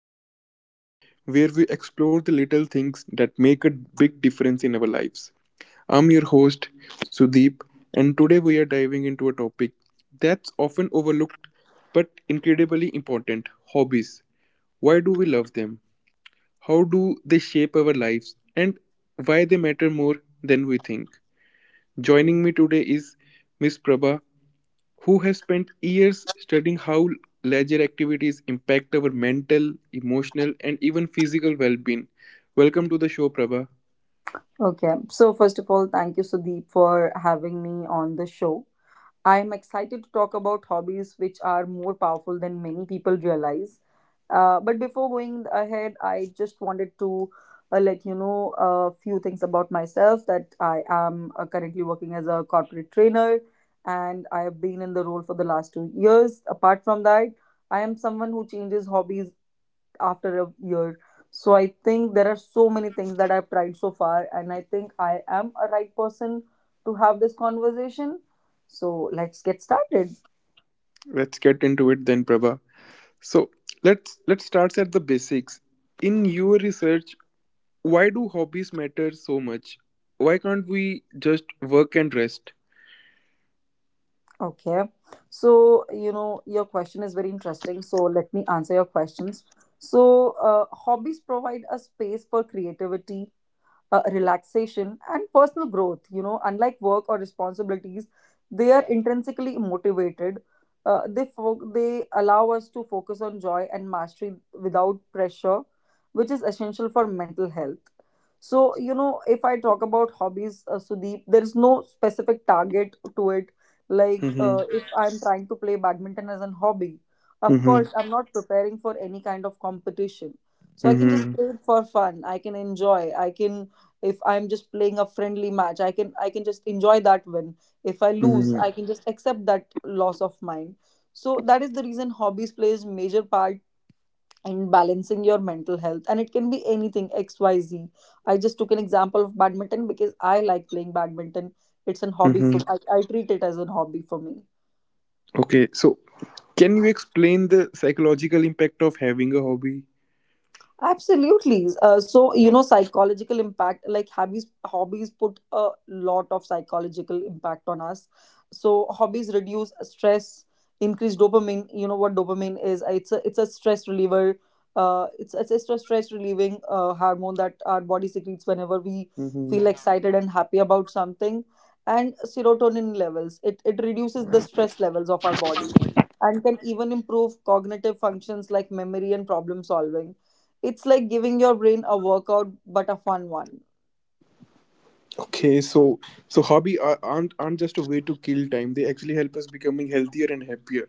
everyone to the show where we explore the little things that make a big difference in our lives. I'm your host Sudeep and today we are diving into a topic that's often overlooked but incredibly important, hobbies. Why do we love them? How do they shape our lives and why they matter more than we think? Joining me today is Miss Prabha who has spent years studying how leisure activities impact our mental, emotional, and even physical well being. Welcome to the show, Prabha. Okay, so first of all, thank you, Sudeep, for having me on the show. I'm excited to talk about hobbies which are more powerful than many people realize. But before going ahead, I just wanted to let you know a few things about myself, that I am currently working as a corporate trainer and I have been in the role for the last 2 years. Apart from that, I am someone who changes hobbies after a year. So I think there are so many things that I've tried so far, and I think I am a right person to have this conversation. So let's get started. Let's get into it then, Prabha. So let's start at the basics. In your research, why do hobbies matter so much? Why can't we just work and rest? Okay. So, you know, your question is very interesting. So let me answer your questions. So, hobbies provide a space for creativity, relaxation and personal growth, you know, unlike work or responsibilities. They are intrinsically motivated. They allow us to focus on joy and mastery without pressure, which is essential for mental health. So, you know, if I talk about hobbies, Sudeep, there is no specific target to it. Like, Mm-hmm. if I'm trying to play badminton as a hobby, of Mm-hmm. course I'm not preparing for any kind of competition. So I can just Mm-hmm. play it for fun. I can enjoy. I can If I'm just playing a friendly match, I can just enjoy that win. If I lose, Mm-hmm. I can just accept that loss of mine. So that is the reason hobbies plays major part in balancing your mental health, and it can be anything, xyz. I just took an example of badminton because I like playing badminton. It's an hobby for Mm-hmm. I treat it as a hobby for me. Okay, so can you explain the psychological impact of having a hobby? Absolutely. So, you know, psychological impact, like hobbies put a lot of psychological impact on us. So, hobbies reduce stress, increase dopamine. You know what dopamine is? It's a stress reliever. It's a stress relieving hormone that our body secretes whenever we feel excited and happy about something. And serotonin levels. It reduces the stress levels of our body and can even improve cognitive functions like memory and problem solving. It's like giving your brain a workout, but a fun one. Okay, so hobby are, aren't just a way to kill time. They actually help us becoming healthier and happier.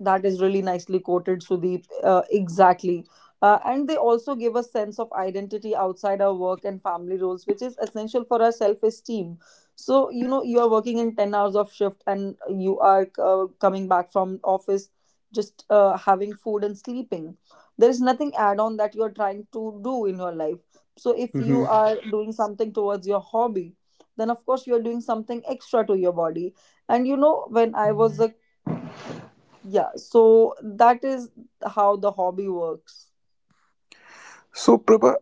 That is really nicely quoted, Sudeep. Exactly. And they also give a sense of identity outside our work and family roles, which is essential for our self esteem. So, you know, you are working in 10 hours of shift and you are coming back from office, just having food and sleeping. There is nothing add on that you are trying to do in your life. So, if you Hmm. are doing something towards your hobby, then of course you are doing something extra to your body. And you know, when I was a, yeah, so that is how the hobby works. So Prabha,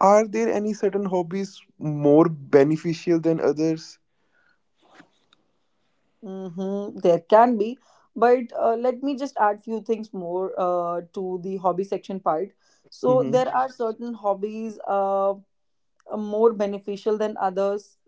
are there any certain hobbies more beneficial than others? Mm-hmm, there can be, but let me just add few things more to the hobby section part. So Mm-hmm. there are certain hobbies, more beneficial than others.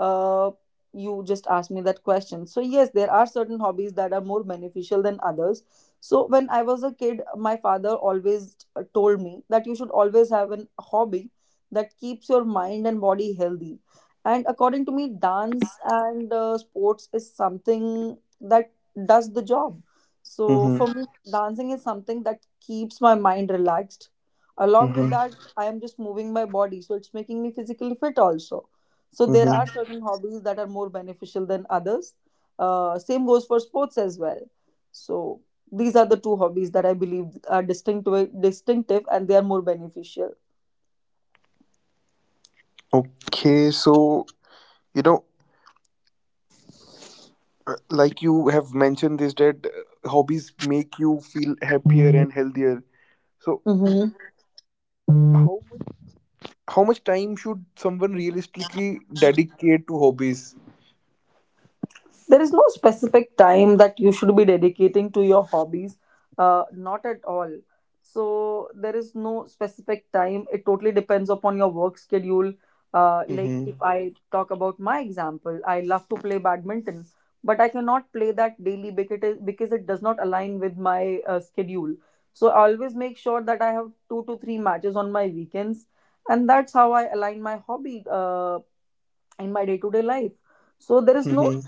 uh, you just asked me that question. So, yes, there are certain hobbies that are more beneficial than others. So, when I was a kid, my father always told me that you should always have a hobby that keeps your mind and body healthy. And according to me, dance and sports is something that does the job. So, Mm-hmm. for me, dancing is something that keeps my mind relaxed. Along with Mm-hmm. that, I am just moving my body, so it's making me physically fit also. So there Mm-hmm. are certain hobbies that are more beneficial than others. Same goes for sports as well. So these are the two hobbies that I believe are distinctive and they are more beneficial. Okay, so you know, uh, like you have mentioned this that hobbies make you feel happier and healthier. So Mm-hmm. how much, how much time should someone realistically dedicate to hobbies? There is no specific time that you should be dedicating to your hobbies, not at all. So there is no specific time. It totally depends upon your work schedule. Like, Mm-hmm. if I talk about my example, I love to play badminton, but I cannot play that daily because it does not align with my schedule. So I always make sure that I have two to three matches on my weekends, and that's how I align my hobby in my day to day life. So there is no Mm-hmm.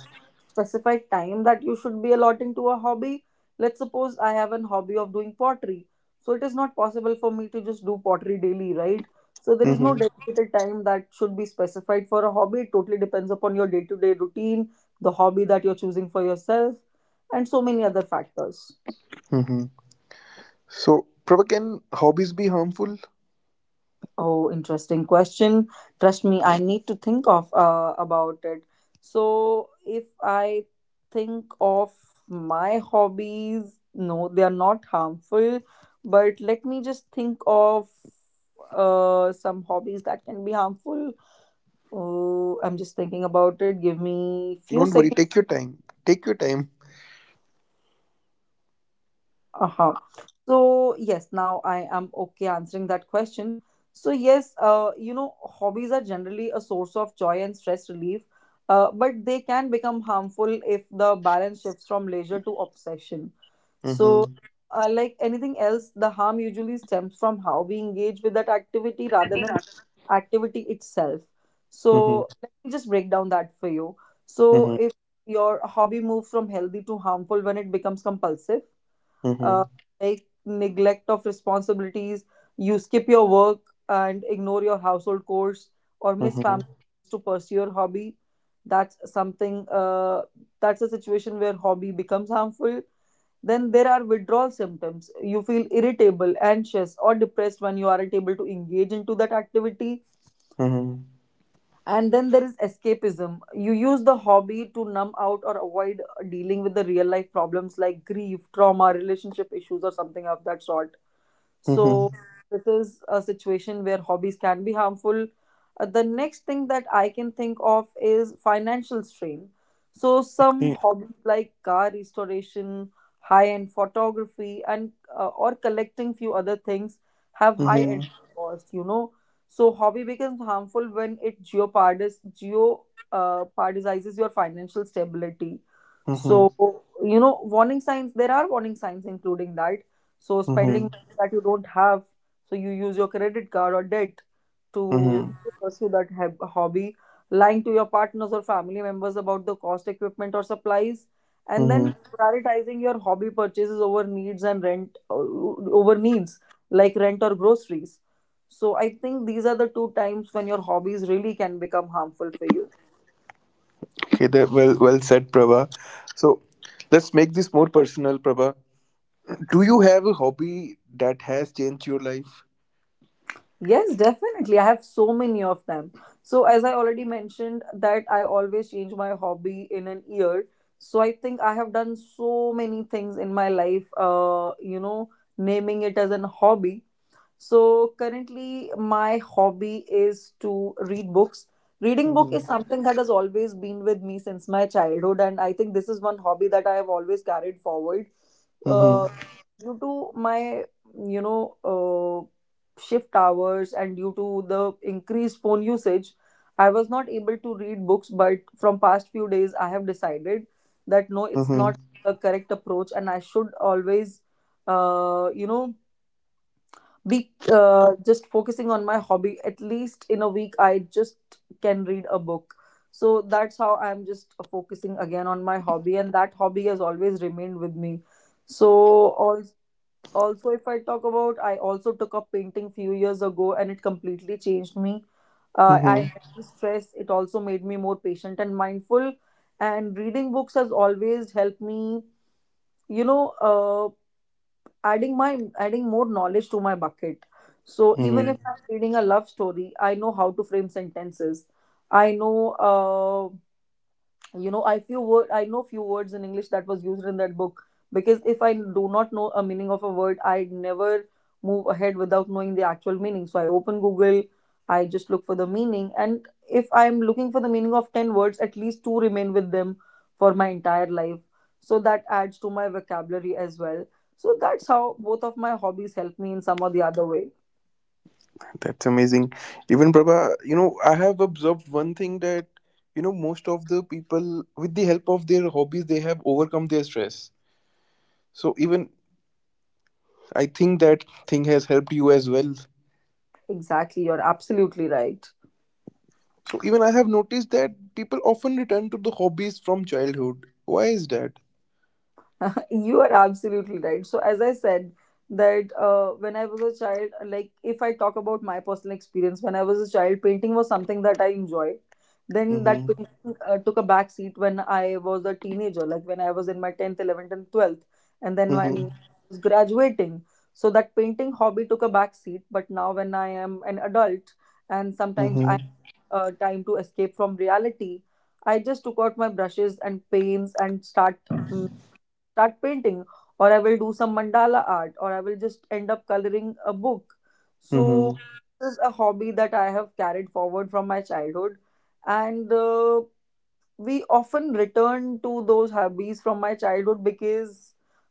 specific time that you should be allotting to a hobby. Let's suppose I have an hobby of doing pottery. So it is not possible for me to just do pottery daily, right? So there is no Mm-hmm. dedicated time that should be specified for a hobby. It totally depends upon your day to day routine, the hobby that you're choosing for yourself, and so many other factors. So, Prabha, can hobbies be harmful? Oh, interesting question. Trust me, I need to think of about it. So, if I think of my hobbies, no, they are not harmful, but let me just think of some hobbies that can be harmful. Oh, I'm just thinking about it. Give me few Don't worry, seconds. take your time. Take your time. Uh-huh. So, yes, now I am okay answering that question. So, yes, you know, hobbies are generally a source of joy and stress relief, but they can become harmful if the balance shifts from leisure to obsession. So, Mm-hmm. Like anything else, the harm usually stems from how we engage with that activity rather than activity itself. Mhm, So, let me just break down that for you. So, mhm, if your hobby moves from healthy to harmful when it becomes compulsive, uh, mhm, like neglect of responsibilities. You skip your work and ignore your household chores or miss mhm, family to pursue your hobby. That's something, that's a situation where hobby becomes harmful. Then there are withdrawal symptoms. You feel irritable, anxious, or depressed when you aren't able to engage into that activity. mhm, And then there is escapism. You use the hobby to numb out or avoid dealing with the real life problems like grief, trauma, relationship issues, or something of that sort. mhm, So this is a situation where hobbies can be harmful. The next thing that I can think of is financial strain. So some eh, hobbies like car restoration, high-end photography, and or collecting few other things have mhm, high-end costs. You know, so hobby becomes harmful when it jeopardizes your financial stability. mhm, So, you know, warning signs. There are warning signs including that. So mhm, spending that you don't have, so you use your credit card or debt to mhm, pursue that hobby, lying to your partners or family members about the cost equipment or supplies, and mhm. then prioritizing your hobby purchases over needs and rent o- over needs like rent or groceries. So I think these are the two times when your hobbies really can become harmful for you. Okay, that well said, Prabha. So let's make this more personal, Prabha. Do you have a hobby that has changed your life? Yes, definitely. I have so many of them. So, as I already mentioned, that I always change my hobby in an year. So, I think I have done so many things in my life, you know, naming it as an hobby. So, currently, my hobby is to read books. Reading book is Mm-hmm. something that has always been with me since my childhood, and I think this is one hobby that I have always carried forward. Uh, Mm-hmm. Due to my, you know, shift hours and due to the increased phone usage, I was not able to read books, but from past few days I have decided that no, it's not Mm-hmm. a correct approach, and I should always, you know, be, just focusing on my hobby, at least in a week I just can read a book. So that's how I'm just focusing again on my hobby, and that hobby has always remained with me. So, all also if I talk about, I also took up painting few years ago and it completely changed me. I Mm-hmm. had the stress, it also made me more patient and mindful. And reading books has always helped me, you know, adding more knowledge to my bucket. So even Mm-hmm. if I'm reading a love story, I know how to frame sentences. I know, you know, I know few words in English that was used in that book. Because if I do not know a meaning of a word, I never move ahead without knowing the actual meaning. So I open Google, I just look for the meaning, and if I'm looking for the meaning of 10 words, at least two remain with them for my entire life. So that adds to my vocabulary as well. So that's how both of my hobbies help me in some or the other way. That's amazing. Even Prabha, I have observed one thing that, most of the people, with the help of their hobbies, they have overcome their stress. So even I think that thing has helped you as well. Exactly, you're absolutely right. So even I have noticed that people often return to the hobbies from childhood. Why is that? You are absolutely right. So, as I said, that when I was a child, like if I talk about my personal experience, when I was a child, painting was something that I enjoyed. Then that Mm-hmm. painting took a back seat when I was a teenager, like when I was in my 10th, 11th, and 12th, and then when I Mm-hmm. was graduating. So, that painting hobby took a back seat. But now, when I am an adult and sometimes I Mm-hmm. Time to escape from reality, I just took out my brushes and paints and start painting, or I will do some mandala art, or I will just end up coloring a book. So Mm-hmm. this is a hobby that I have carried forward from my childhood. And We often return to those hobbies from my childhood because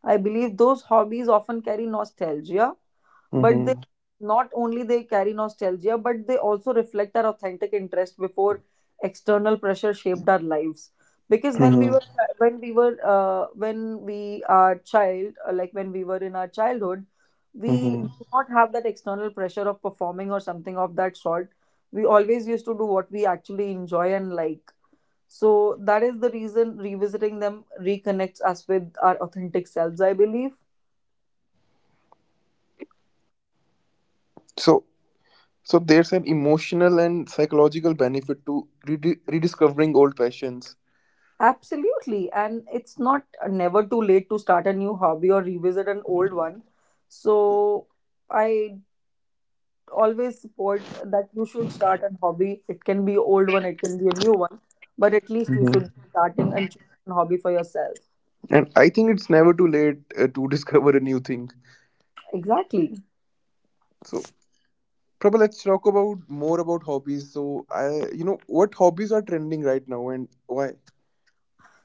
I believe those hobbies often carry nostalgia, but they Mm-hmm. not only they carry nostalgia, but they also reflect our authentic interest before external pressure shaped our lives. Because Mm-hmm. When we were when we are child like when we were in our childhood, we do Mm-hmm. not have that external pressure of performing or something of that sort. We always used to do what we actually enjoy and like. So that is the reason revisiting them reconnects us with our authentic selves, I believe. So so there's an emotional and psychological benefit to rediscovering old passions. Absolutely. And it's not never too late to start a new hobby or revisit an old one. So I always support that you should start a hobby. It can be old one, it can be a new one, but at least you should be starting and choosing a hobby for yourself. And I think it's never too late to discover a new thing. Exactly. So, Prabha, let's talk about more about hobbies. So, what hobbies are trending right now and why?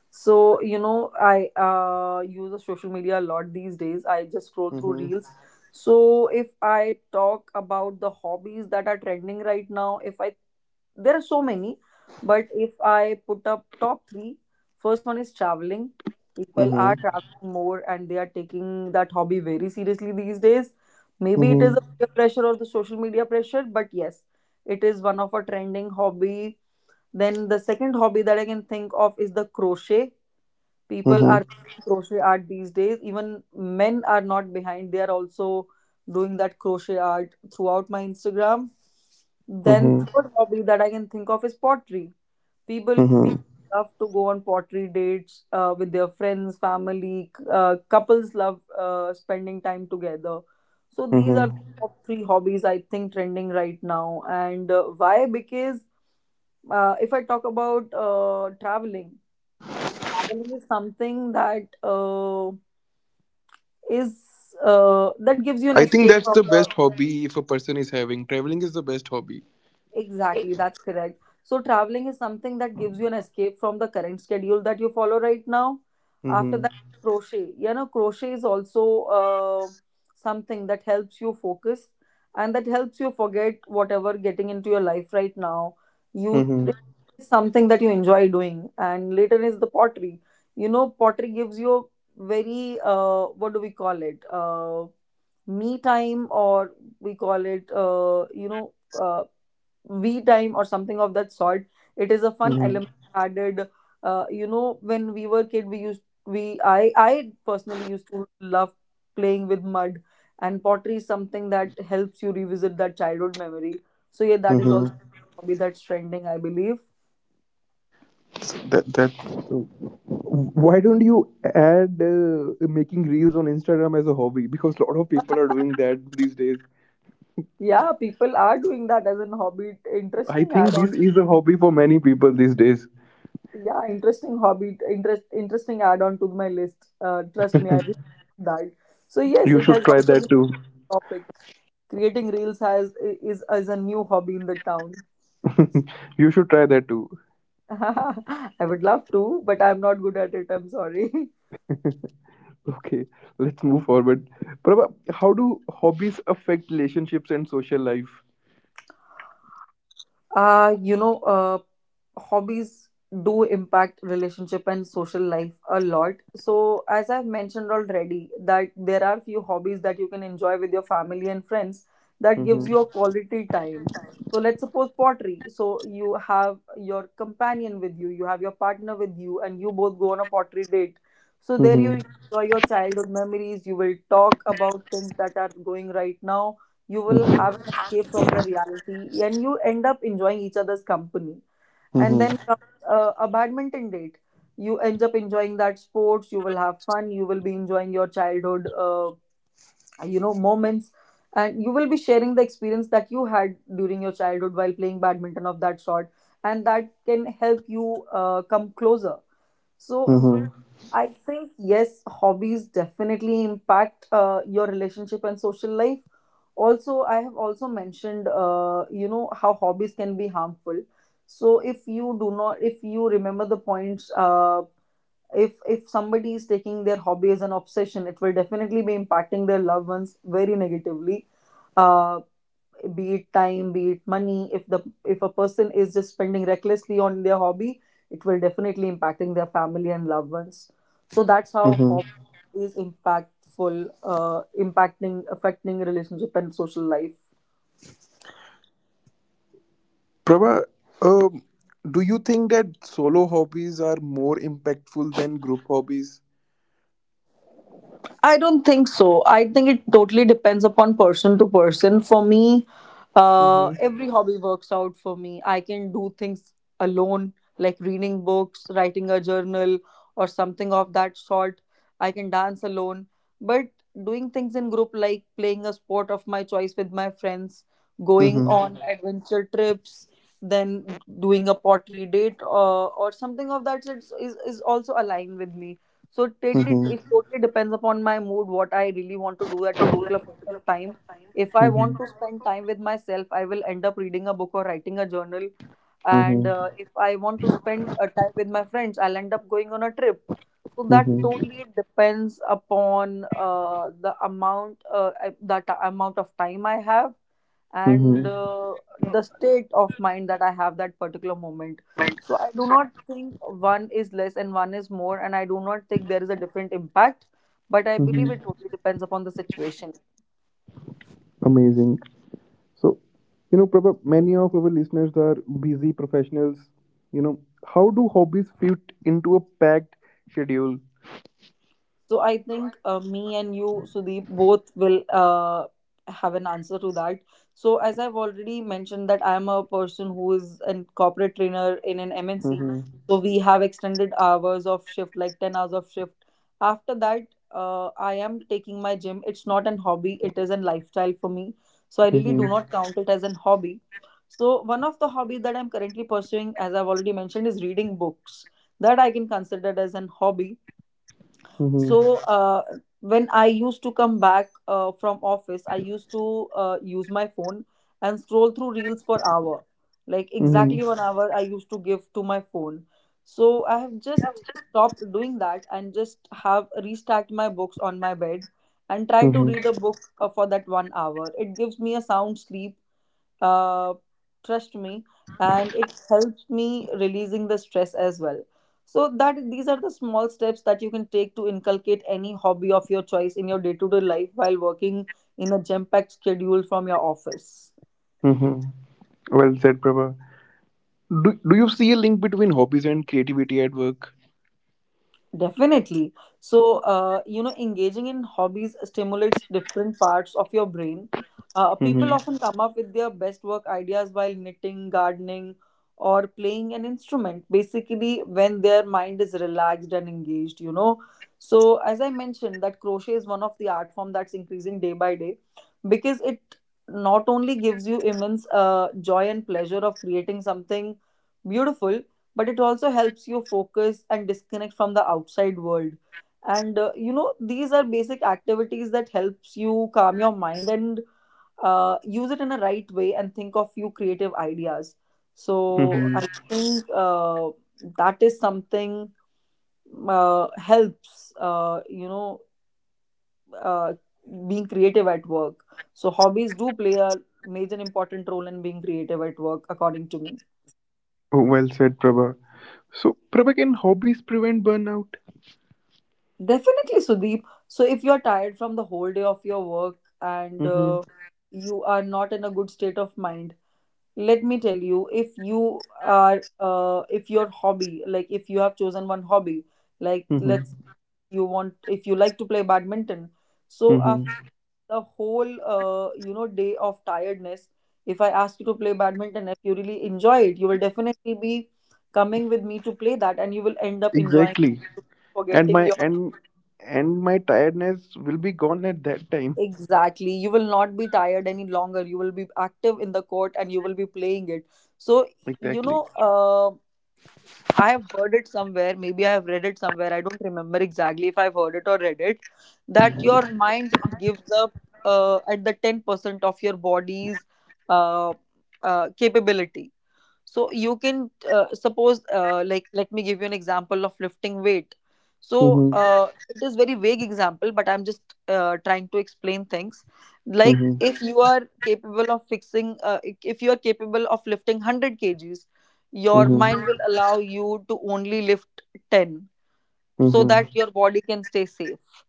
So, you know, I use the social media a lot these days. I just scroll through Mm-hmm. reels. So, if I talk about the hobbies that are trending right now, if I there are so many, but if I put up top three, first one is traveling. People are Mm-hmm. traveling more and they are taking that hobby very seriously these days. Maybe it is a Mm-hmm. peer pressure or the social media pressure, but yes, it is one of a trending hobby. Then the second hobby that I can think of is the crochet. People Mm-hmm. are crochet art these days. Even men are not behind, they are also doing that crochet art throughout my Instagram. Then Mm-hmm. third hobby that I can think of is pottery. People Mm-hmm. love to go on pottery dates with their friends, family, couples love spending time together. So these are the Mm-hmm. top three hobbies I think trending right now, and why? Because if I talk about traveling, traveling is something that is that gives you an I think escape that's from the the... best hobby if a person is having. Traveling is the best hobby. Exactly, that's correct. So, traveling is something that gives you an escape from the current schedule that you follow right now. After Mm-hmm. that, crochet. You know, crochet is also something that helps you focus and that helps you forget whatever getting into your life right now. You Mm-hmm. it's something that you enjoy doing, and later is the pottery. You know, pottery gives you a very what do we call it? Me time, or we call it you know. Uh, V time or something of that sort. It is a fun Mm-hmm. element added. You know, when we were kid, we used we I personally used to love playing with mud, and pottery is something that helps you revisit that childhood memory. So yeah, that is also Mm-hmm. a hobby that's trending, I believe. So that. So why don't you add making reels on Instagram as a hobby? Because a lot of people are doing that these days. Yeah, people are doing that as an hobby. I Interesting add think this on. is a hobby for many people these days. Yeah, interesting hobby. Interesting add on to my list. Trust me, I really like that. So yes, You it should has try also been that too. a topic. Creating reels has is a new hobby in the town. You should try that too. I would love to, but I'm not good at it. I'm sorry. Okay, let's move forward. Prabha, how do hobbies affect relationships and social life? Uh, you know, uh, Hobbies do impact relationship and social life a lot. So as I've mentioned already, that there are few hobbies that you can enjoy with your family and friends that gives Mm-hmm. you a quality time. So let's suppose pottery. So you have your companion with you, you have your partner with you, and you both go on a pottery date. So there you Mm-hmm. enjoy your childhood memories, you will talk about things that are going right now, you will have an escape from the reality, and you end up enjoying each other's company. And Mm-hmm. then comes a badminton date. You end up enjoying that sports, you will have fun, you will be enjoying your childhood you know moments, and you will be sharing the experience that you had during your childhood while playing badminton of that sort, and that can help you come closer. So Mm-hmm. I think yes, hobbies definitely impact your relationship and social life. Also, I have also mentioned, you know, how hobbies can be harmful. So if you do not, if you remember the points, if somebody is taking their hobby as an obsession, it will definitely be impacting their loved ones very negatively. Uh, be it time, be it money, if a person is just spending recklessly on their hobby, it will definitely impacting their family and loved ones. So that's how Mm-hmm. hobby is impactful impacting affecting relationship and social life. Prabha, um, do you think that solo hobbies are more impactful than group hobbies? I don't think so. I think it totally depends upon person to person. For me, Mm-hmm. every hobby works out for me. I can do things alone, like reading books, writing a journal, or something of that sort. I can dance alone. But doing things in group, like playing a sport of my choice with my friends, going Mm-hmm. on Mhm. adventure trips, then doing a pottery date, or something of that sort, is also aligned with me. So it Mm-hmm. totally depends upon my mood, what I really want to do at particular point of time. If I Mm-hmm. want to spend time with myself, I will end up reading a book or writing a journal. And Mm-hmm. If I want to spend a time with my friends, I'll end up going on a trip. So that totally depends upon that amount of time I have and Mm-hmm. The state of mind that I have that particular moment. So I do not think one is less and one is more, and I do not think there is a different impact. But I believe it Mm-hmm. totally depends upon the situation. Amazing. So, Prabha, many of our listeners are busy professionals. You know, how do hobbies fit into a packed schedule? So I think me and you, Sudeep, both will have an answer to that. So as I've already mentioned that I am a person who is a corporate trainer in an MNC. Mhm, So we have extended hours of shift, like 10 hours of shift. After that, I am taking my gym. It's not an hobby, it is a lifestyle for me. So I really mhm, do not count it as an hobby. So one of the hobbies that I'm currently pursuing, as I've already mentioned, is reading books. That I can consider as an hobby. mhm, So when I used to come back from office, I used to use my phone and scroll through reels for hour. Like mhm, exactly 1 hour I used to give to my phone. So I have just stopped doing that and just have restacked my books on my bed and try to mhm, read a book for that 1 hour. It gives me a sound sleep, uh, trust me, and it helps me releasing the stress as well. So that these are the small steps that you can take to inculcate any hobby of your choice in your day-to-day life while working in a jam-packed schedule from your office. mhm. Well said, Prabha. Do you see a link between hobbies and creativity at work? Definitely. So, you know, engaging in hobbies stimulates different parts of your brain. People Mhm, often come up with their best work ideas while knitting, gardening, or playing an instrument, basically, when their mind is relaxed and engaged, you know. So, as I mentioned, that crochet is one of the art form that's increasing day by day, because it not only gives you immense joy and pleasure of creating something beautiful, but it also helps you focus and disconnect from the outside world. And you know, these are basic activities that helps you calm your mind and use it in a right way and think of few creative ideas. So I mhm. think that is something helps you know uh, being creative at work. So hobbies do play a major important role in being creative at work according to me. Oh, well said, Prabha. So, Prabha, can hobbies prevent burnout? Definitely, Sudeep. So, if you're tired from the whole day of your work and Mhm, you are not in a good state of mind. Let me tell you, if your hobby, like if you have chosen one hobby, like mhm, let's you want, if you like to play badminton, so mhm. after the whole, day of tiredness, if I ask you to play badminton, if you really enjoy it, you will definitely be coming with me to play that, and you will end up enjoying, Exactly. it, And forgetting my your... and and my tiredness will be gone at that time. Exactly. You will not be tired any longer. You will be active in the court and you will be playing it. So, you Exactly. know, uh, I have heard it somewhere. Maybe I have read it somewhere. I don't remember exactly if I've heard it or read it. That your mind gives up at the 10% of your body's uh, capability. So you can, suppose, like let me give you an example of lifting weight. So Mhm. It is very vague example but I'm just trying to explain things. Like Mhm. if you are capable of fixing, if you are capable of lifting 100 kgs, your Mhm. mind will allow you to only lift 10 so Mhm. that your body can stay safe.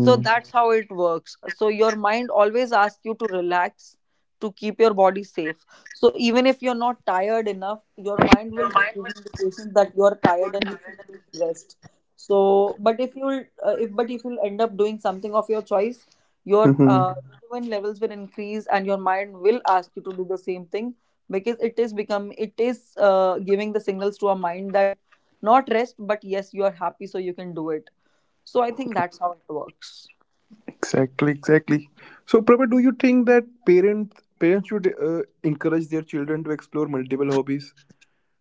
So that's how it works. So your mind always asks you to relax to keep your body safe. So even if you're not tired enough, your mind will just give indications that you're tired and you should take rest. So, but if you'll, if but if you'll end up doing something of your choice, your Mhm. Dopamine levels will increase and your mind will ask you to do the same thing because it is giving the signals to our mind that not rest, but yes, you are happy, so you can do it. So I think that's how it works. Exactly. Exactly. So, Prabha, do you think that parents should encourage their children to explore multiple hobbies?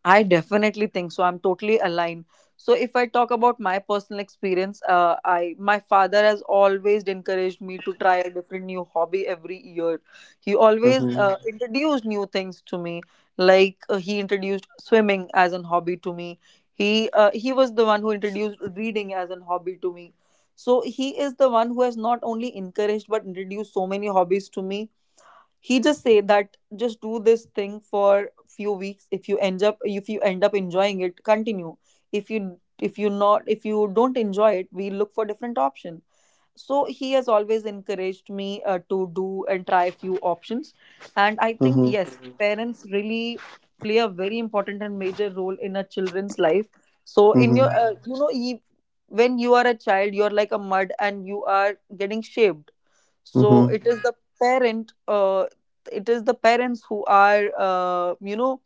I definitely think so. I'm totally aligned. So if I talk about my personal experience, I my father has always encouraged me to try a different new hobby every year. He always Mhm. Introduced new things to me. Like he introduced swimming as an hobby to me. He was the one who introduced reading as an hobby to me. So he is the one who has not only encouraged but introduced so many hobbies to me. He just say that just do this thing for few weeks. If you end up enjoying it, continue. If you don't enjoy it, we look for different option. So he has always encouraged me to do and try a few options. And I think Mhm. yes. Mhm. Parents really play a very important and major role in a children's life. So in your, Mhm. E- when you are a child you are like a mud and you are getting shaped. So it Mhm. is the parent, it is the parents who are,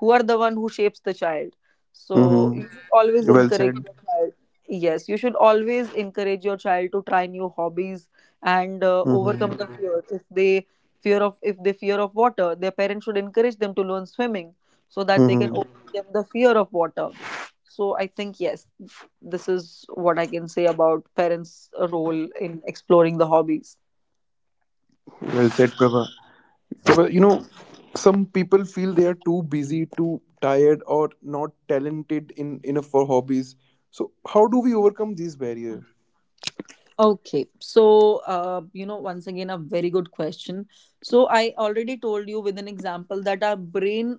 who are the one who shapes the child. So Mhm. you should always Well encourage said. your child. Yes, you should always encourage your child to try new hobbies and Mhm. overcome the Mhm. fear. If they fear of, if they fear of water, their parents should encourage them to learn swimming so that they can Mhm. overcome the fear of water. So I think yes, this is what I can say about parents role in exploring the hobbies. Well said, Prabha. Prabha, some people feel they are too busy, too tired, or not talented in enough for hobbies. So, how do we overcome these barriers? Okay, so once again, a very good question. So I already told you with an example that our brain,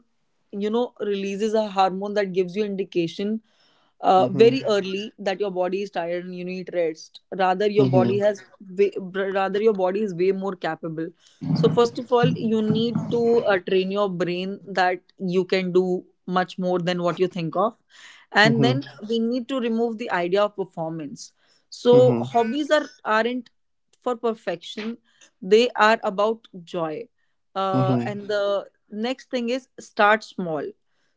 releases a hormone that gives you indication Mm-hmm. very early that your body is tired and you need rest, rather your body Mm-hmm. has way, rather your body is way more capable. So first of all you need to train your brain that you can do much more than what you think of. And then Mm-hmm. we need to remove the idea of performance. So Mm-hmm. hobbies are aren't for perfection, they are about joy, Mm-hmm. and the next thing is start small.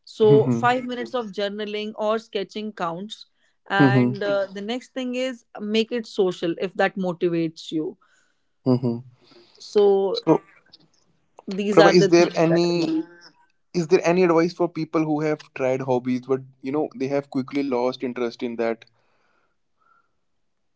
So, Mm-hmm. 5 minutes of journaling or sketching counts. Mm-hmm. And the next thing is make it social if that motivates you. Mm-hmm. So, So, these Prabha, are is the there things that I any do. is there any advice for people who have tried hobbies but they have quickly lost interest in that?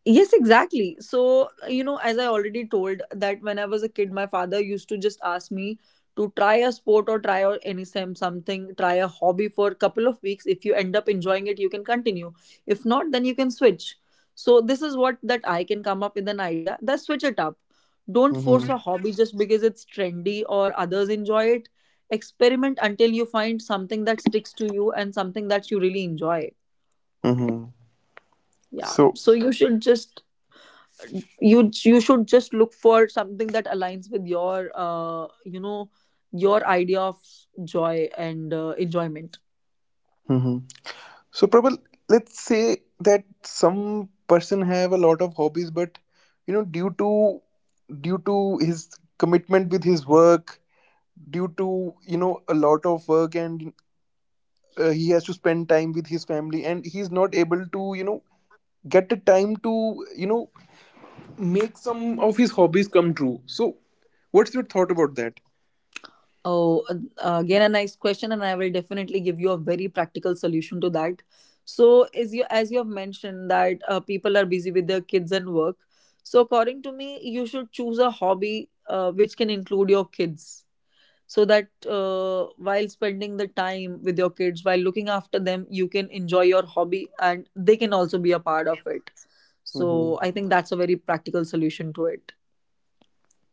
Yes, exactly. So, you know, as I already told, that when I was a kid, my father used to just ask me to try a sport or try or any sem something, try a hobby for a couple of weeks. If you end up enjoying it, you can continue. If not, then you can switch. So this is what that I can come up with an idea. That switch it up. Don't force Mm-hmm. a hobby just because it's trendy or others enjoy it. Experiment until you find something that sticks to you and something that you really enjoy. Mm-hmm. Yeah. So. So you should just, you should just look for something that aligns with your, your idea of joy and enjoyment. So Prabal, let's say that some person have a lot of hobbies, but you know, due to due to his commitment with his work, due to a lot of work, and he has to spend time with his family, and he's not able to get the time to make some of his hobbies come true. So, what's your thought about that? Oh, again a nice question. And I will definitely give you a very practical solution to that. So as you have mentioned that people are busy with their kids and work. So according to me, you should choose a hobby which can include your kids so that while spending the time with your kids while looking after them, you can enjoy your hobby and they can also be a part of it. So I Hmm. think that's a very practical solution to it.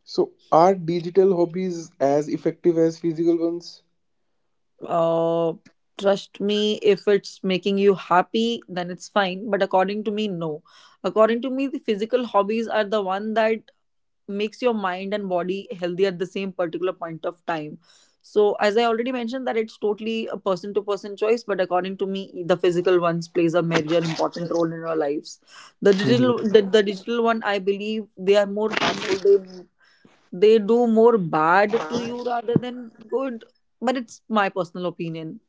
So, are digital hobbies as effective as physical ones? uh, Trust me, if it's making you happy then it's fine, but according to me no. According to me the physical hobbies are the one that makes your mind and body healthy at the same particular point of time. So as I already mentioned that it's totally a person to person choice, but according to me the physical ones plays a major important role in our lives. The digital, the digital one I believe they are more harmful, they do more bad to you rather than good. But it's my personal opinion.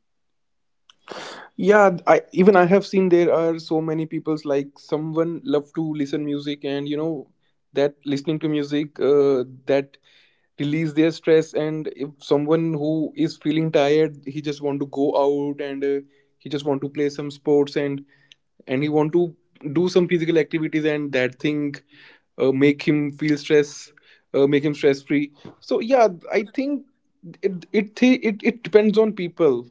Yeah, I even I have seen there are so many people's like someone love to listen music and that listening to music that release their stress and if someone who is feeling tired he just want to go out and he just want to play some sports and he want to do some physical activities and that thing make him feel stress, make him stress free. So yeah, I think it it thi- it depends on people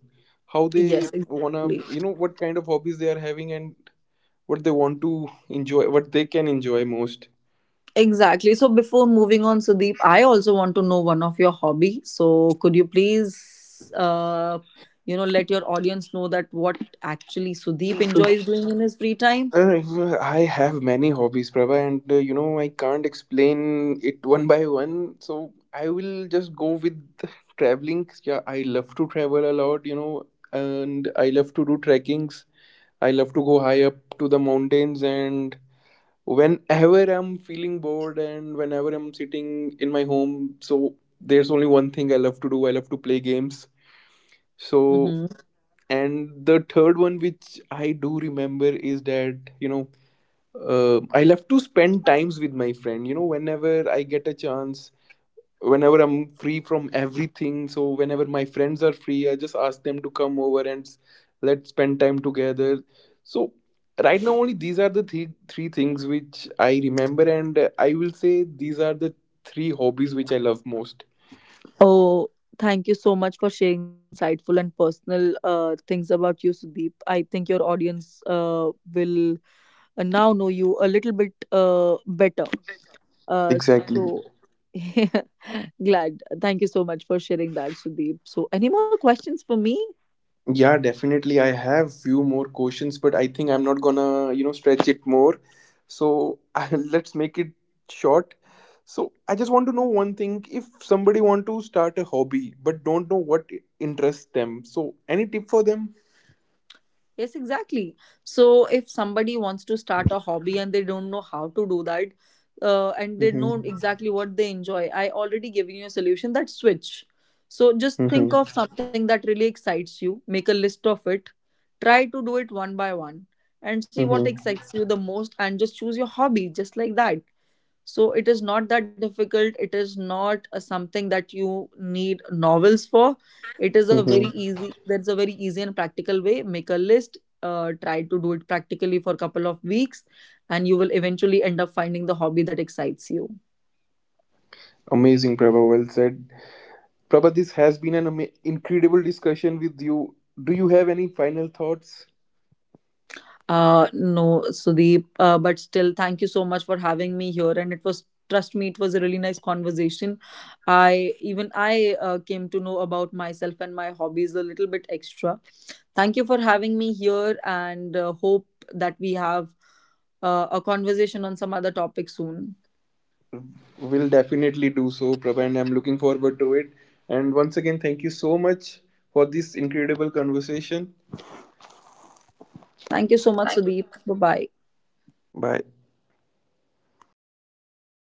how they Yes, wanna exactly. What kind of hobbies they are having and what they want to enjoy, what they can enjoy most. Exactly. So before moving on, Sudeep, I also want to know one of your hobby. So could you please, uh, let your audience know that what actually Sudeep enjoys doing in his free time? I have many hobbies, Prabha, and you know I can't explain it one by one. So I will just go with traveling. Yeah, I love to travel a lot, and I love to do trekkings. I love to go high up to the mountains and whenever I'm feeling bored and whenever I'm sitting in my home, so there's only one thing I love to do. I love to play games. So Mm-hmm. and the third one which I do remember is that, I love to spend times with my friend. Whenever I get a chance, whenever I'm free from everything so whenever my friends are free I just ask them to come over and let's spend time together so right now only these are the three things which I remember and I will say these are the three hobbies which I love most. Oh, thank you so much for sharing that insightful and personal things about you, Sudeep. I think your audience will now know you a little bit better. Exactly. So, glad. Thank you so much for sharing that, Sudeep. So, any more questions for me? Yeah, definitely. I have few more questions, but I think I'm not gonna, stretch it more. So let's make it short. So I just want to know one thing. If somebody want to start a hobby but don't know what interests them, so any tip for them? Yes, exactly. So if somebody wants to start a hobby and they don't know how to do that, and they know Mm-hmm. exactly what they enjoy, I already given you a solution that switch. So just Mm-hmm. think of something that really excites you, make a list of it, try to do it one by one, and see what Mm-hmm. excites you the most, and just choose your hobby just like that. So it is not that difficult. It is not a something that you need novels for. It is a very Mm-hmm. easy. That's a very easy and practical way. Make a list. Try to do it practically for a couple of weeks, and you will eventually end up finding the hobby that excites you. Amazing, Prabha. Well said. Prabha, this has been an incredible discussion with you. Do you have any final thoughts? No, Sudeep, but still, thank you so much for having me here. And it was, trust me, it was a really nice conversation. I came to know about myself and my hobbies a little bit extra. Thank you for having me here, and hope that we have a conversation on some other topic soon. Will definitely do so, Prabha, and I'm looking forward to it. And once again, thank you so much for this incredible conversation. Thank you so much, Sudeep. Bye bye. Bye.